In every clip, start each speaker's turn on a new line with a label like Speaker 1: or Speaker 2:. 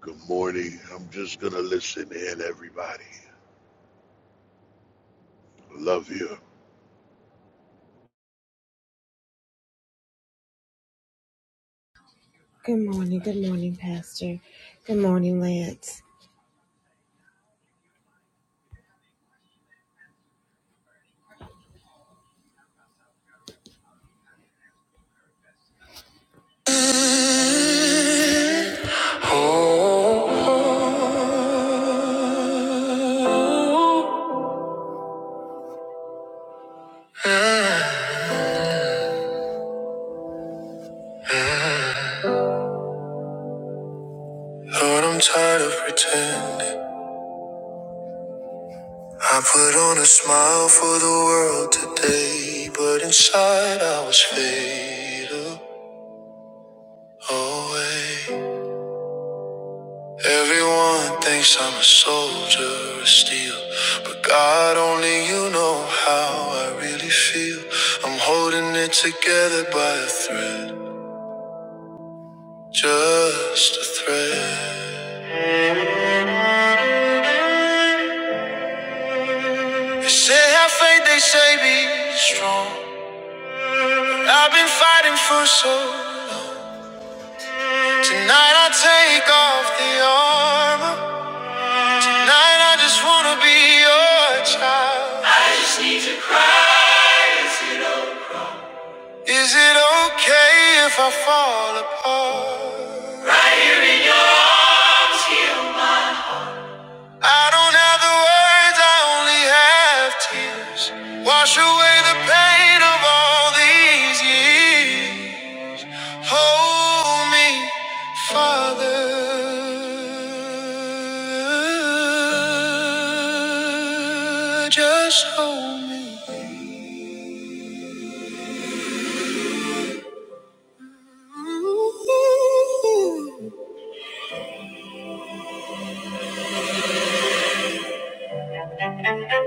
Speaker 1: Good morning. I'm just gonna listen in, everybody. Love you.
Speaker 2: Lord, I'm tired of pretending. I put on a smile for the world today, but inside I was faded away. Everyone thinks I'm a soldier of steel, but God only you know how I really feel. I'm holding it together by a thread, just a thread. They Say have faith, they say be strong. I've been fighting for so long. Tonight I take off the armor. Tonight I just wanna be your child. I just need to cry. Is it okay if I fall apart? I don't have the words, I only have tears. Wash away the pain of all these years. Hold me, Father. Just hold me. Ooh.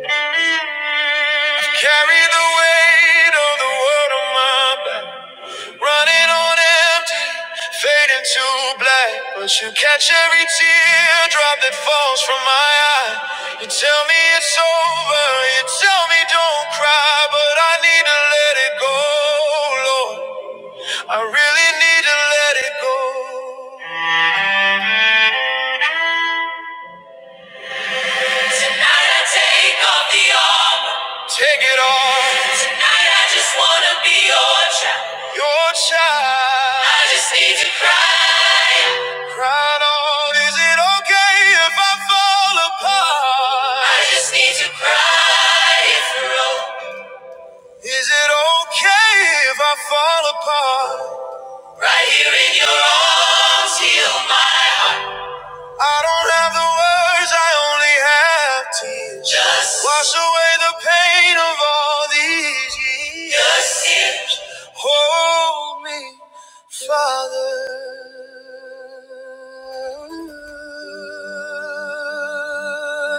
Speaker 2: I've carried the weight of the world on my back. Running on empty, fading to black. But you catch every teardrop that falls from my eye. You tell me it's over, you tell me don't cry. But I need to let it go, Lord. I really need to let it go. Tonight I take off the armor. Take it off. Tonight I just wanna be your child. Your child. I just need to cry. Cry Lord, is it okay if I fall apart? I just need to cry through. Is it okay if I fall apart? Right here in your arms, heal my I don't have the words, I only have tears. Just wash away the pain of all these years. Just tears. Hold me, Father.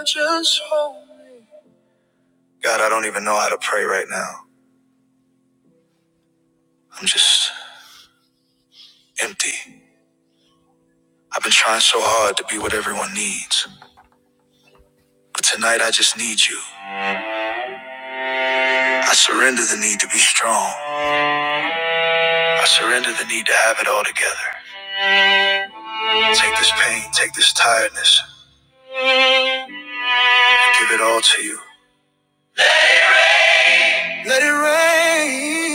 Speaker 2: Just hold me. God, I don't even know how to pray right now. I'm just empty. I've been trying so hard to be what everyone needs. But tonight I just need you. I surrender the need to be strong. I surrender the need to have it all together. Take this pain, take this tiredness, give it all to you. Let it rain.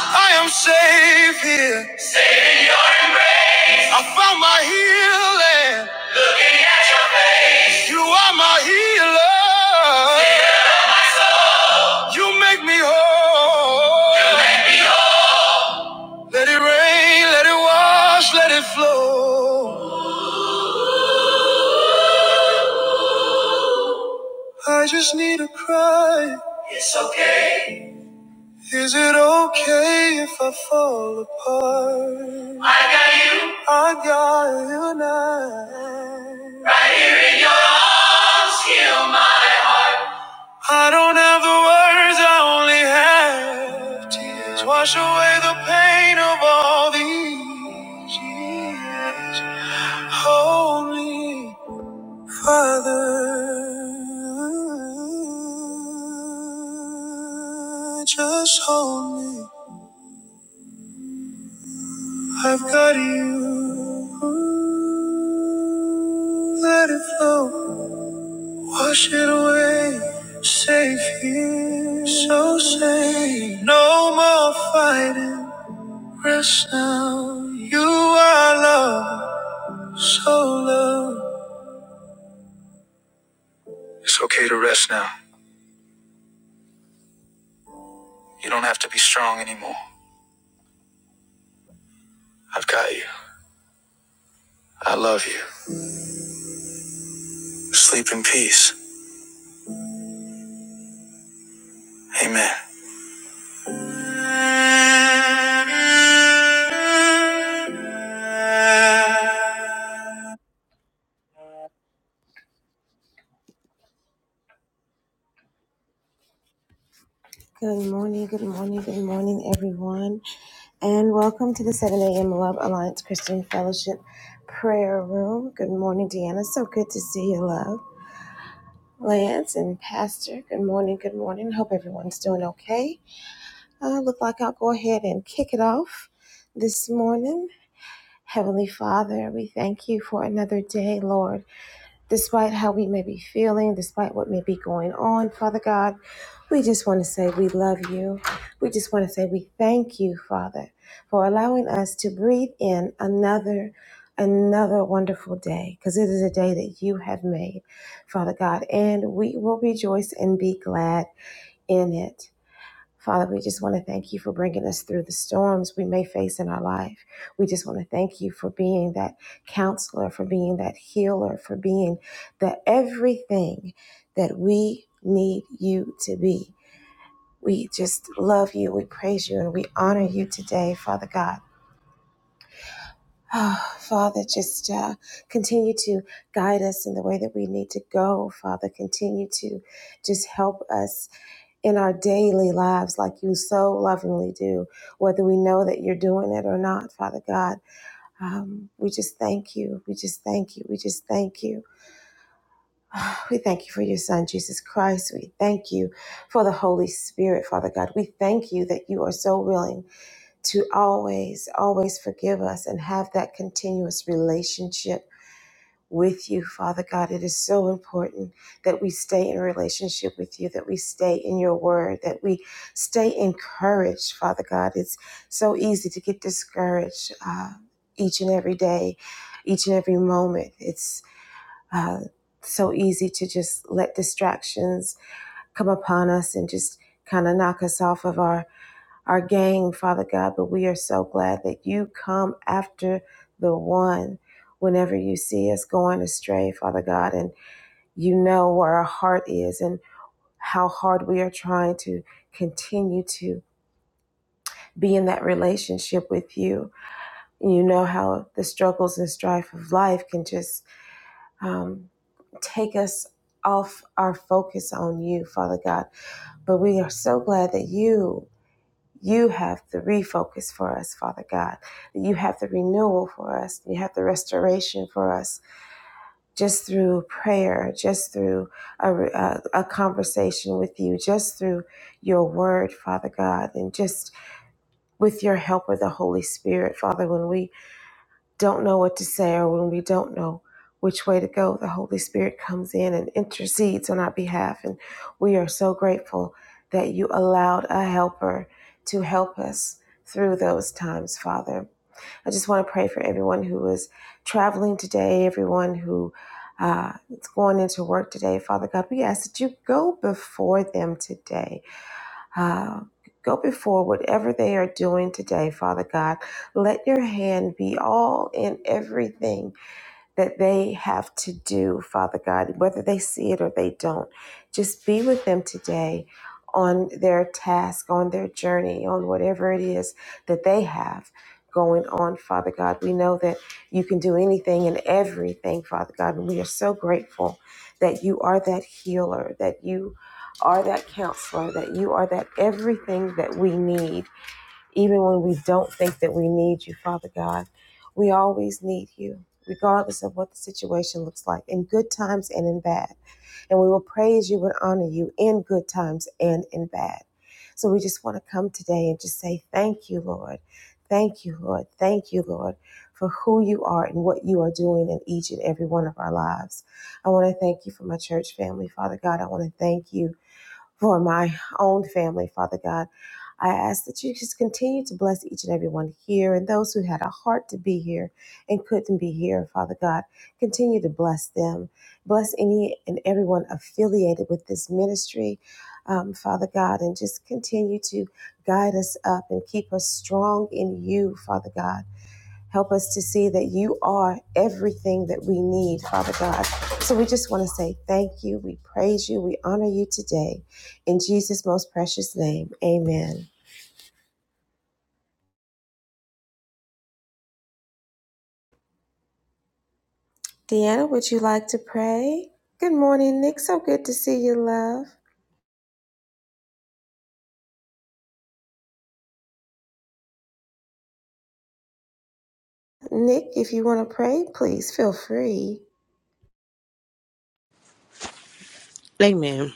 Speaker 2: I am safe here. I found my healing. You are my healer. You make me whole. Let it rain, let it wash, let it flow. I just need to cry. It's okay. Is it okay if I fall apart? I got you. I got you now. Rescue. I don't have the words, I only have tears. Wash away the pain of all these years. Holy Father, just hold me. I've got you. Let it flow, wash it away. Safe here, so safe. No more fighting. Rest now. You are love, so love. It's okay to rest now. You don't have to be strong anymore. I've got you. I love you. Sleep in peace. Amen.
Speaker 3: Amen.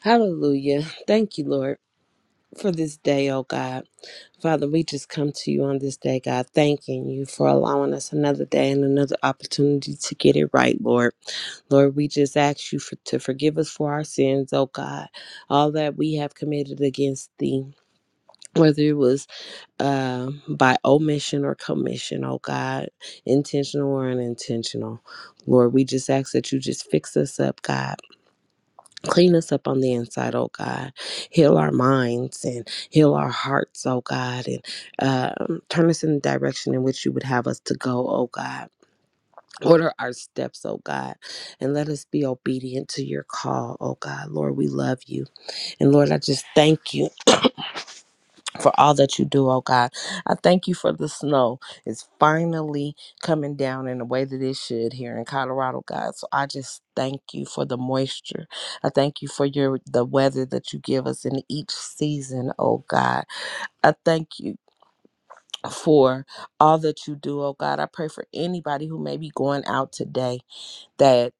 Speaker 3: Hallelujah. Thank you, Lord, for this day, oh God. Father, we just come to you on this day, God, thanking you for allowing us another day and another opportunity to get it right, Lord. Lord, we just ask you for, to forgive us for our sins, oh God, all that we have committed against thee. Whether it was uh, by omission or commission, oh God, intentional or unintentional. Lord, we just ask that you just fix us up, God. Clean us up on the inside, oh God. Heal our minds and heal our hearts, oh God. And um, turn us in the direction in which you would have us to go, oh God. Order our steps, oh God. And let us be obedient to your call, oh God. Lord, we love you. And Lord, I just thank you for all that you do, oh God. I thank you for the snow. It's finally coming down in the way that it should here in Colorado, God. So I just thank you for the moisture. I thank you for your the weather that you give us in each season, oh God. I thank you for all that you do, oh God. I pray for anybody who may be going out today that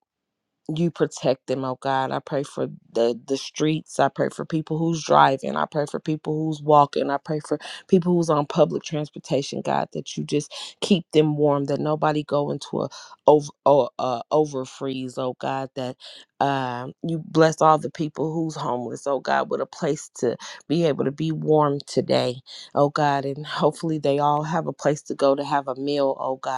Speaker 3: you protect them, oh God. I pray for the the streets. I pray for people who's driving. I pray for people who's walking. I pray for people who's on public transportation, God, that you just keep them warm, that nobody go into a over or uh, over freeze, oh God, that um you bless all the people who's homeless, oh God, with a place to be able to be warm today, oh God, and hopefully they all have a place to go to have a meal, oh God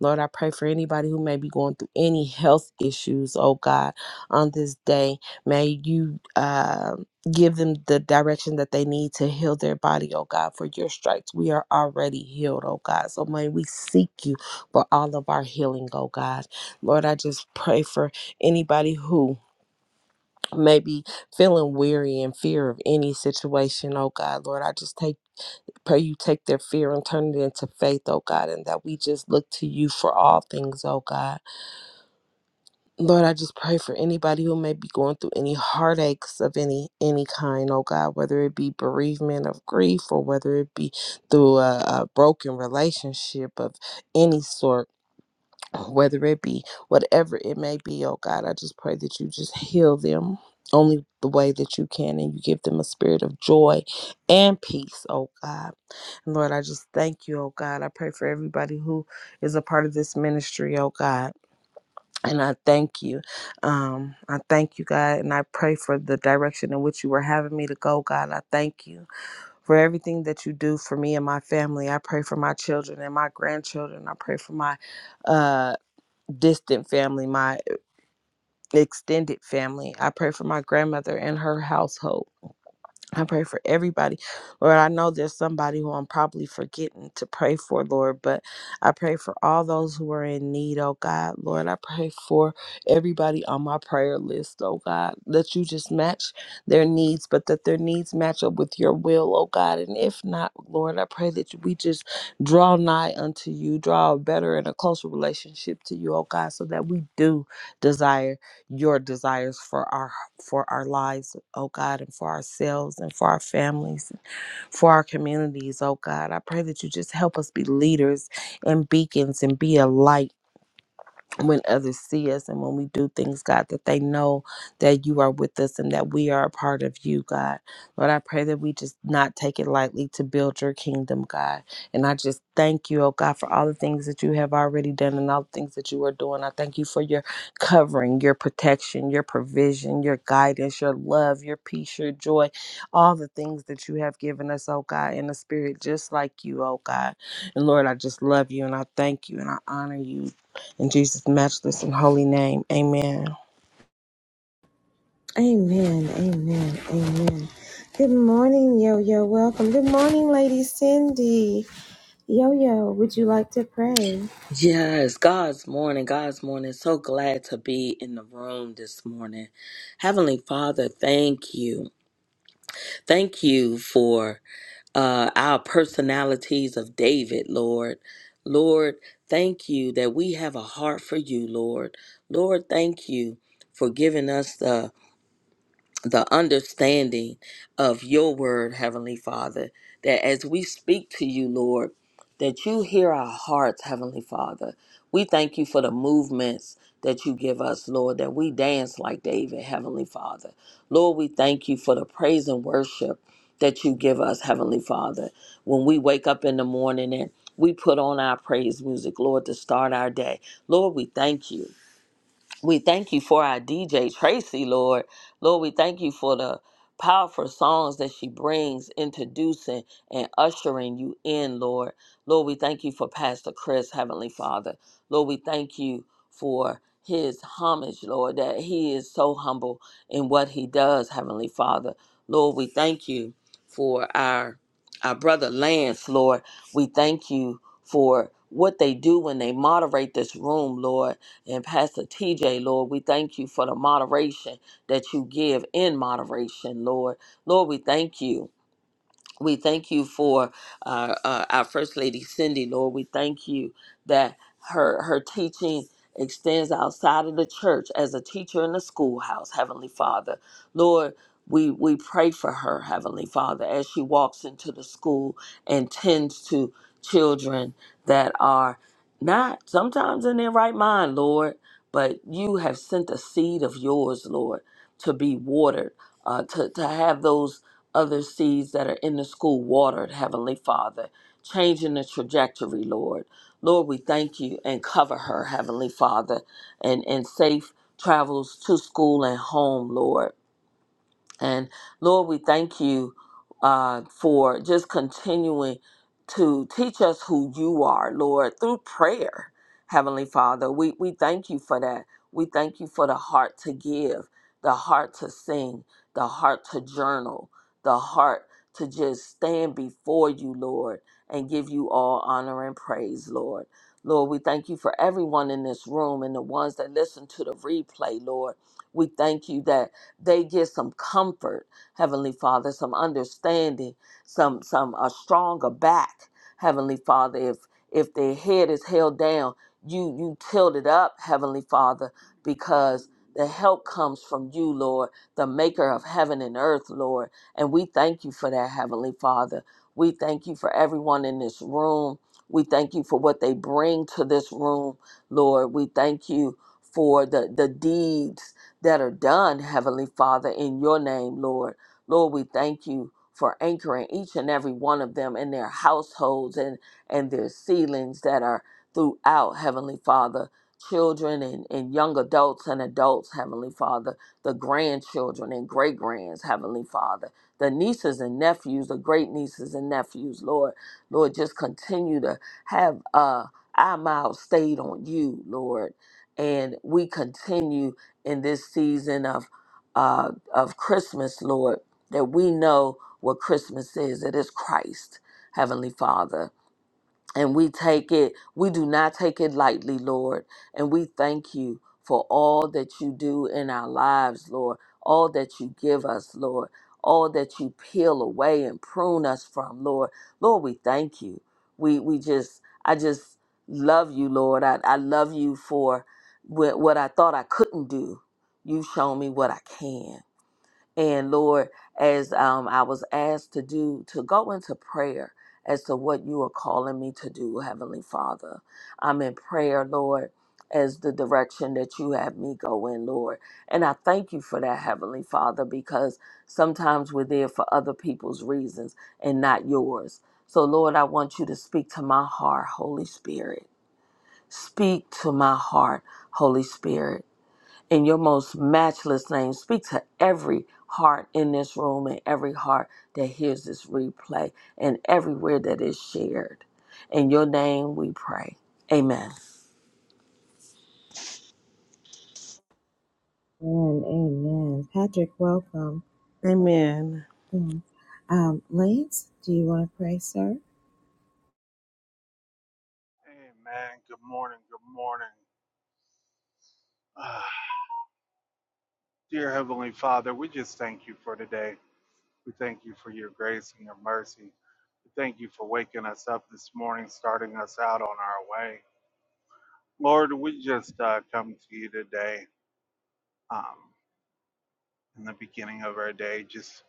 Speaker 3: Lord, I pray for anybody who may be going through any health issues, oh God, on this day. May you uh, give them the direction that they need to heal their body, oh God. For your stripes, we are already healed, oh God. So may we seek you for all of our healing, oh God. Lord, I just pray for anybody who may be feeling weary and fear of any situation, oh God. Lord, I just take Pray you take their fear and turn it into faith, oh God, and that we just look to you for all things, oh God. Lord, I just pray for anybody who may be going through any heartaches of any any kind, oh God, whether it be bereavement of grief or whether it be through a, a broken relationship of any sort, whether it be whatever it may be, oh God, I just pray that you just heal them only the way that you can and you give them a spirit of joy and peace, oh God. And Lord, I just thank you, oh God. I pray for everybody who is a part of this ministry, oh God. And I thank you. Um, I thank you, God. And I pray for the direction in which you were having me to go, God. I thank you for everything that you do for me and my family. I pray for my children and my grandchildren. I pray for my uh distant family, my extended family. I pray for my grandmother and her household. I pray for everybody. Lord, I know there's somebody who I'm probably forgetting to pray for, Lord, but I pray for all those who are in need, oh God. Lord, I pray for everybody on my prayer list, oh God, that you just match their needs, but that their needs match up with your will, oh God. And if not, Lord, I pray that we just draw nigh unto you, draw a better and a closer relationship to you, oh God, so that we do desire your desires for our for our lives, oh God, and for ourselves and for our families, for our communities, oh God. I pray that you just help us be leaders and beacons and be a light when others see us and when we do things, God, that they know that you are with us and that we are a part of you, God. Lord, I pray that we just not take it lightly to build your kingdom, God. And I just thank you, oh God, for all the things that you have already done and all the things that you are doing. I thank you for your covering, your protection, your provision, your guidance, your love, your peace, your joy, all the things that you have given us, oh God, in the spirit, just like you, oh God. And Lord, I just love you and I thank you and I honor you. In Jesus' matchless and holy name, amen.
Speaker 4: Yes, God's morning, God's morning. So glad to be in the room this morning. Heavenly Father, thank you. Thank you for uh, our personalities of David, Lord. Lord, thank you that we have a heart for you, Lord. Lord, thank you for giving us the the understanding of your word, Heavenly Father, that as we speak to you, Lord, that you hear our hearts, Heavenly Father. We thank you for the movements that you give us, Lord, that we dance like David, Heavenly Father. Lord, we thank you for the praise and worship that you give us, Heavenly Father. When we wake up in the morning and we put on our praise music, Lord, to start our day. Lord, we thank you. We thank you for our DJ Tracy, Lord. Lord, we thank you for the powerful songs that she brings, introducing and ushering you in, Lord. Lord, we thank you for Pastor Chris, Heavenly Father. Lord, we thank you for his homage, Lord, that he is so humble in what he does, Heavenly Father. Lord, we thank you for our our brother Lance, Lord. We thank you for what they do when they moderate this room, Lord and Pastor TJ, Lord, we thank you for the moderation that you give in moderation, Lord. Lord, we thank you. We thank you for uh, uh, our First Lady Cindy, Lord. We thank you that her her teaching extends outside of the church as a teacher in the schoolhouse, Heavenly Father. Lord, we, we pray for her, Heavenly Father, as she walks into the school and tends to children that are not sometimes in their right mind, Lord, but you have sent a seed of yours, Lord, to be watered, uh, to, to have those other seeds that are in the school watered, Heavenly Father, changing the trajectory, Lord. Lord, we thank you and cover her, Heavenly Father, and, and safe travels to school and home, Lord. And Lord, we thank you uh, for just continuing to teach us who you are, Lord, through prayer, Heavenly Father. We, we thank you for that. We thank you for the heart to give, the heart to sing, the heart to journal, the heart to just stand before you, Lord, and give you all honor and praise, Lord. Lord, we thank you for everyone in this room and the ones that listen to the replay, Lord. We thank you that they get some comfort, Heavenly Father, some understanding, some some a stronger back, Heavenly Father. If if their head is held down, you you tilt it up, Heavenly Father, because the help comes from you, Lord, the maker of heaven and earth, Lord. And we thank you for that, Heavenly Father. We thank you for everyone in this room. We thank you for what they bring to this room, Lord. We thank you for the, the deeds that are done, Heavenly Father, in your name, Lord. Lord, we thank you for anchoring each and every one of them in their households and, and their ceilings that are throughout, Heavenly Father. Children and, and young adults and adults, Heavenly Father, the grandchildren and great grands, Heavenly Father, the nieces and nephews, the great nieces and nephews, Lord. Lord, just continue to have uh, our mouths stayed on you, Lord. And we continue in this season of uh, of Christmas, Lord, that we know what Christmas is. It is Christ, Heavenly Father and we take it we do not take it lightly lord and we thank you for all that you do in our lives lord all that you give us lord all that you peel away and prune us from lord lord we thank you we we just i just love you lord i, I love you for wh- what i thought i couldn't do you've shown me what i can and Lord, as um, I was asked to do, to go into prayer as to what you are calling me to do, Heavenly Father, I'm in prayer, Lord, as the direction that you have me go in, Lord. And I thank you for that, Heavenly Father, because sometimes we're there for other people's reasons and not yours. So, Lord, I want you to speak to my heart, Holy Spirit. Speak to my heart, Holy Spirit in your most matchless name. Speak to every heart in this room and every heart that hears this replay and everywhere that is shared. In your name we pray. Amen.
Speaker 3: Amen.
Speaker 5: Amen. Good morning. Good morning. Ah, dear Heavenly Father, we just thank you for today. We thank you for your grace and your mercy. We thank you for waking us up this morning, starting us out on our way. Lord, we just uh, come to you today um, in the beginning of our day, just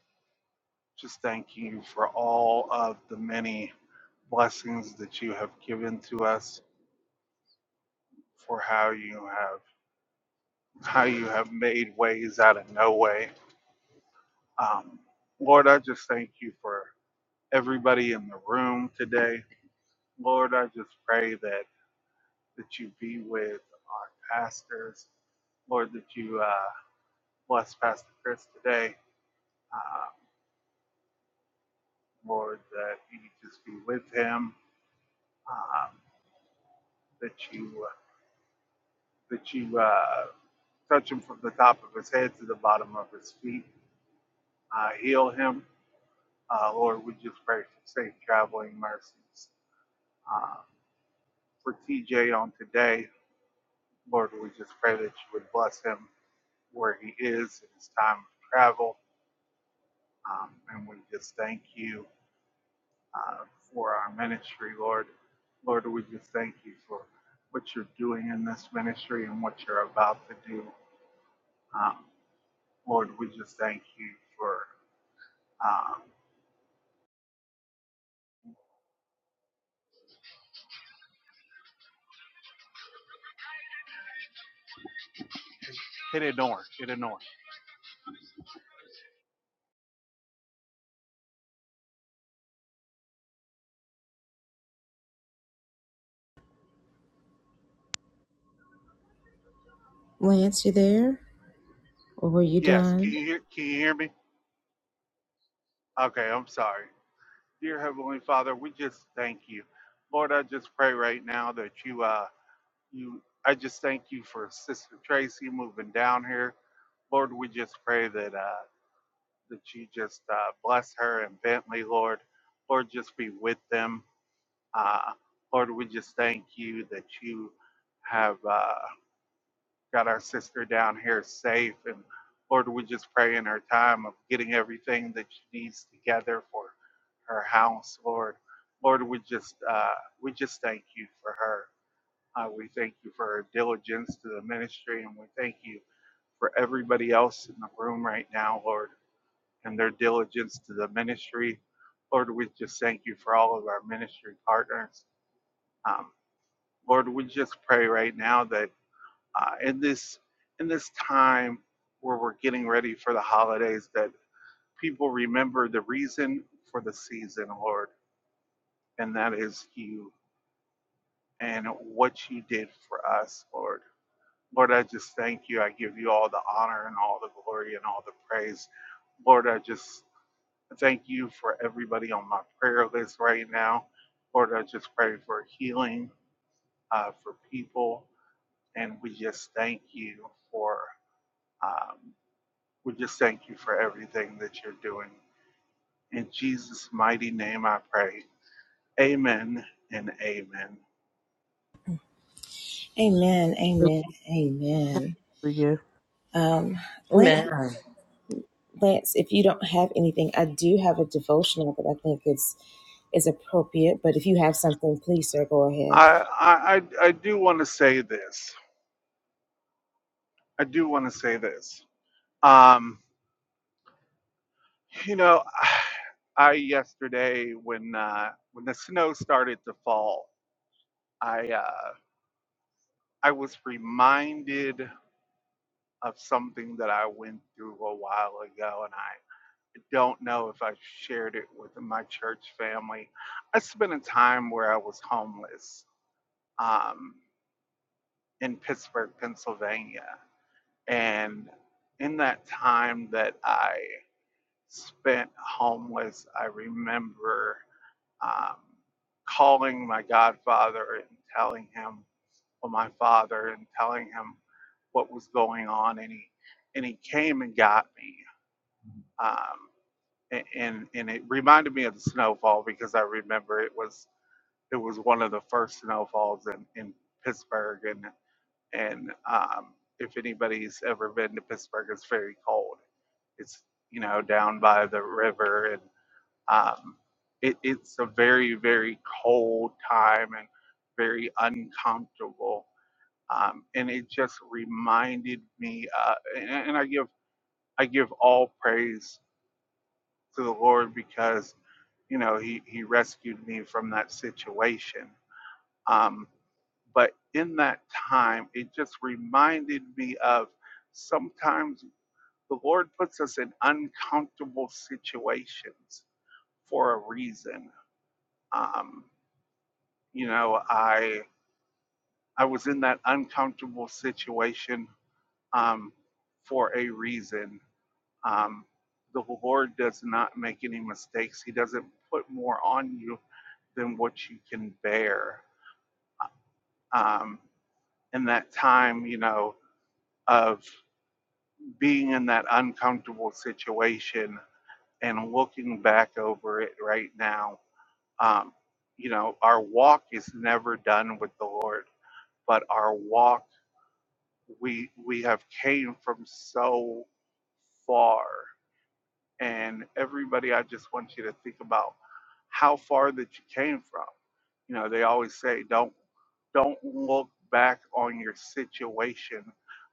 Speaker 5: just thanking you for all of the many blessings that you have given to us, for how you have how you have made ways out of no way Um, Lord, I just thank you for everybody in the room today. Lord, I just pray that that you be with our pastors. Lord, that you uh, bless Pastor Chris today. Um, Lord, that you just be with him. Um, that you that you uh, touch him from the top of his head to the bottom of his feet. Uh, heal him, uh, Lord. We just pray for safe traveling mercies. Um, for TJ on today. Lord, we just pray that you would bless him where he is in his time of travel. Um, and we just thank you uh, for our ministry, Lord. Lord, we just thank you for what you're doing in this ministry and what you're about to do. Um, Lord, we just thank you for um, hit ignore, hit ignore. Yes, can you hear, can you hear me? Okay, I'm sorry. Dear Heavenly Father, we just thank you. Lord, I just pray right now that you uh, you I just thank you for Sister Tracy moving down here. Lord, we just pray that uh that you just uh bless her and Bentley, Lord. Lord, just be with them. Uh Lord, we just thank you that you have uh got our sister down here safe and Lord, we just pray in her time of getting everything that she needs together for her house, Lord. Lord, we just uh we just thank you for her. Uh, we thank you for our diligence to the ministry, and we thank you for everybody else in the room right now, Lord, and their diligence to the ministry. Lord, we just thank you for all of our ministry partners. Um, Lord, we just pray right now that uh, in this in this time where we're getting ready for the holidays, that people remember the reason for the season, Lord, and that is you and what you did for us, Lord Lord, I just thank you. I give you all the honor and all the glory and all the praise. Lord, I just thank you for everybody on my prayer list right now. Lord, I just pray for healing uh, for people. And we just thank you for, um, we just thank you for everything that you're doing. In Jesus' mighty name, I pray. Amen and amen.
Speaker 3: Hallelujah.
Speaker 4: Amen.
Speaker 5: I, I, I I do want to say this. I do want to say this. Um, You know, I yesterday when uh, when the snow started to fall, I uh, I was reminded of something that I went through a while ago, and I don't know if I shared it with my church family. I spent a time where I was homeless um, in Pittsburgh, Pennsylvania, and in that time that I spent homeless, I remember um, calling my godfather and telling him, or my father, and telling him what was going on, and he and he came and got me. Um, a- and and it reminded me of the snowfall because I remember it was it was one of the first snowfalls in, in Pittsburgh, and and um, if anybody's ever been to Pittsburgh, it's very cold. It's you know down by the river and um, it, it's a very, very cold time and very uncomfortable. Um, and it just reminded me, uh, and, and I give I give all praise to the Lord because you know He He rescued me from that situation. Um, but in that time, it just reminded me of sometimes the Lord puts us in uncomfortable situations for a reason. Um, You know, I I was in that uncomfortable situation um, for a reason. Um, the Lord does not make any mistakes. He doesn't put more on you than what you can bear. Um, in that time, you know, of being in that uncomfortable situation and looking back over it right now, um, you know, our walk is never done with the Lord, but our walk we we have came from so far and everybody i just want you to think about how far that you came from you know they always say don't don't look back on your situation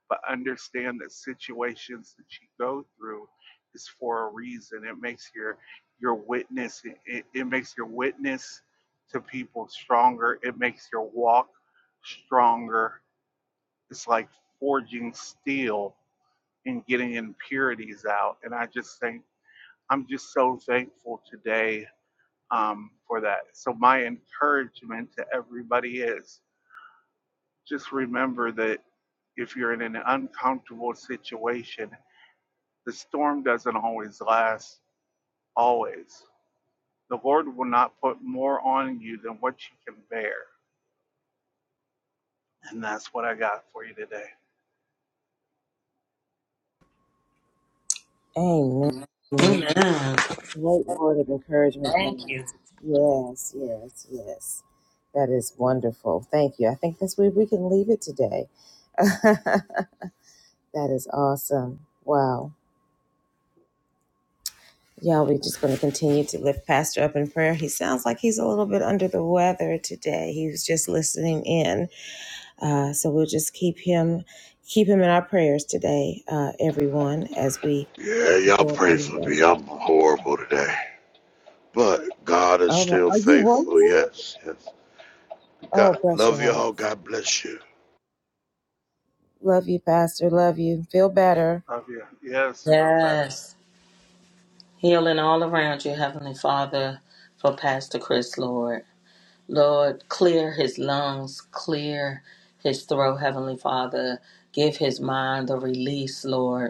Speaker 5: but understand that situations that you go through is for a reason it makes your your witness it, it it makes your witness to people stronger it makes your walk stronger it's like forging steel and getting impurities out. And I just think I'm just so thankful today um, for that. So, my encouragement to everybody is just remember that if you're in an uncomfortable situation, the storm doesn't always last, always. The Lord will not put more on you than what you can bear. And that's what I got for you today.
Speaker 4: Amen. Thank you.
Speaker 1: Yeah, y'all pray for me. I'm horrible today, but God is still faithful. Yes, yes. God, love y'all. God bless you.
Speaker 5: Love you. Yes, feel better.
Speaker 4: Yes. Healing all around you, Heavenly Father, for Pastor Chris, Lord. Lord, clear his lungs, clear his throat, Heavenly Father. Give his mind a release, Lord.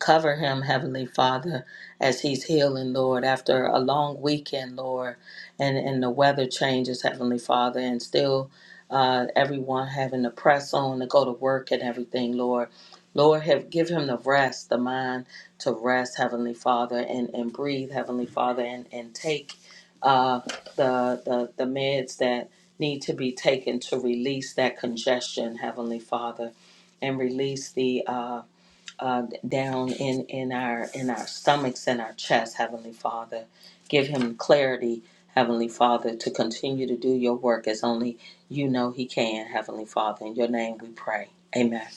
Speaker 4: Cover him, Heavenly Father, as he's healing, Lord, after a long weekend, Lord, and, and the weather changes, Heavenly Father, and still uh, everyone having to press on to go to work and everything, Lord. Lord, have, give him the rest, the mind to rest, Heavenly Father, and, and breathe, Heavenly Father, and, and take uh, the, the, the meds that need to be taken to release that congestion, Heavenly Father, and release the. uh, uh, down in in our in our stomachs and our chest, Heavenly Father. Give him clarity, Heavenly Father, to continue to do your work as only you know he can, Heavenly Father. In your name we pray. Amen.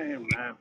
Speaker 5: Amen.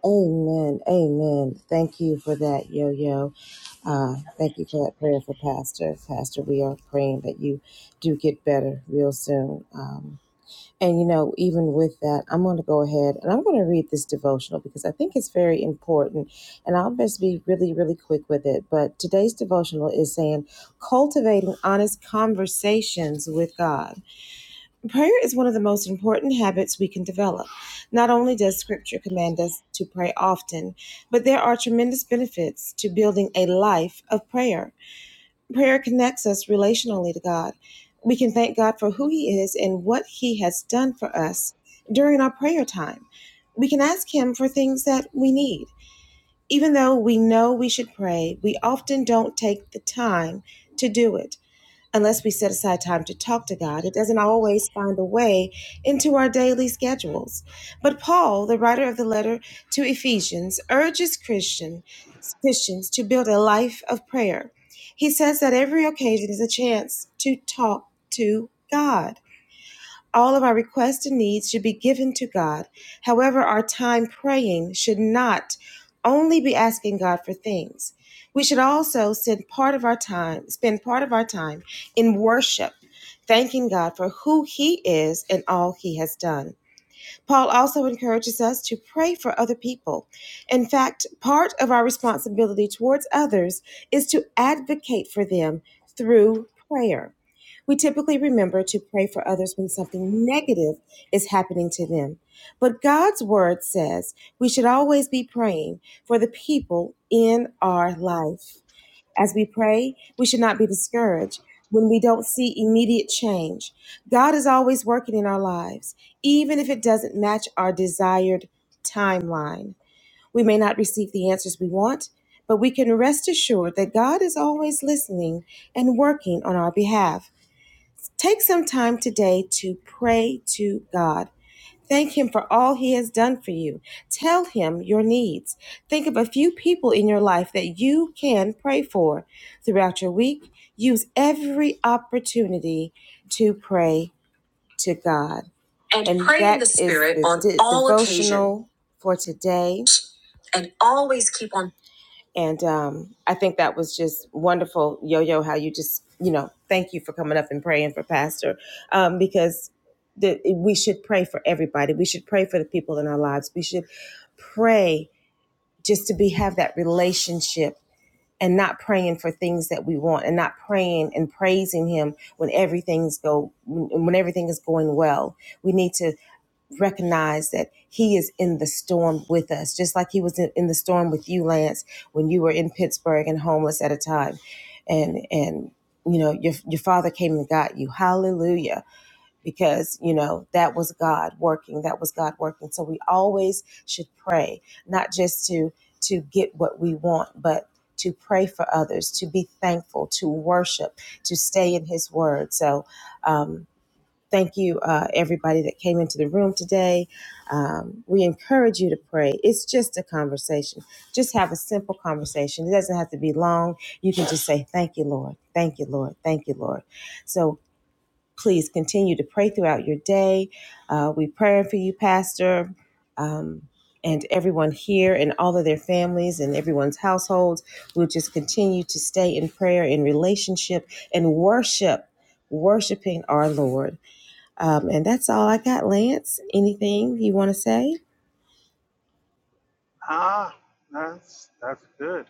Speaker 5: Ah, that's that's good.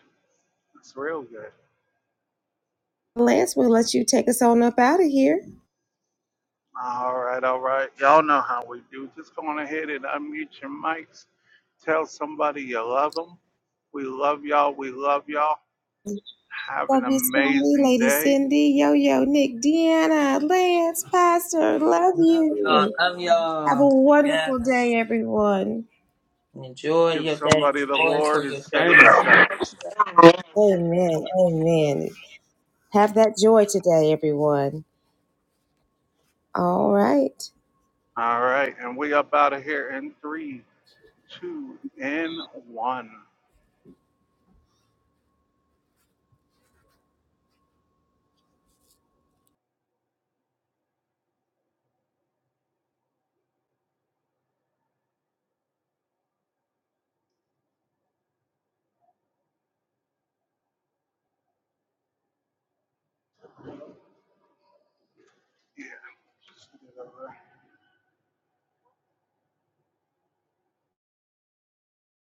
Speaker 5: That's real good. All right, all right. Y'all know how we do. Just go on ahead and unmute your mics. Tell somebody you love them. We love y'all. We love y'all. Have an amazing day.
Speaker 4: Love y'all. Love y'all. Yes. Enjoy
Speaker 5: Give
Speaker 4: your day.
Speaker 5: somebody the
Speaker 4: Joy for
Speaker 5: Lord
Speaker 4: your
Speaker 5: instead of
Speaker 4: journey.
Speaker 5: yourself. All right. And we up out of here in three, two, and one. Yeah.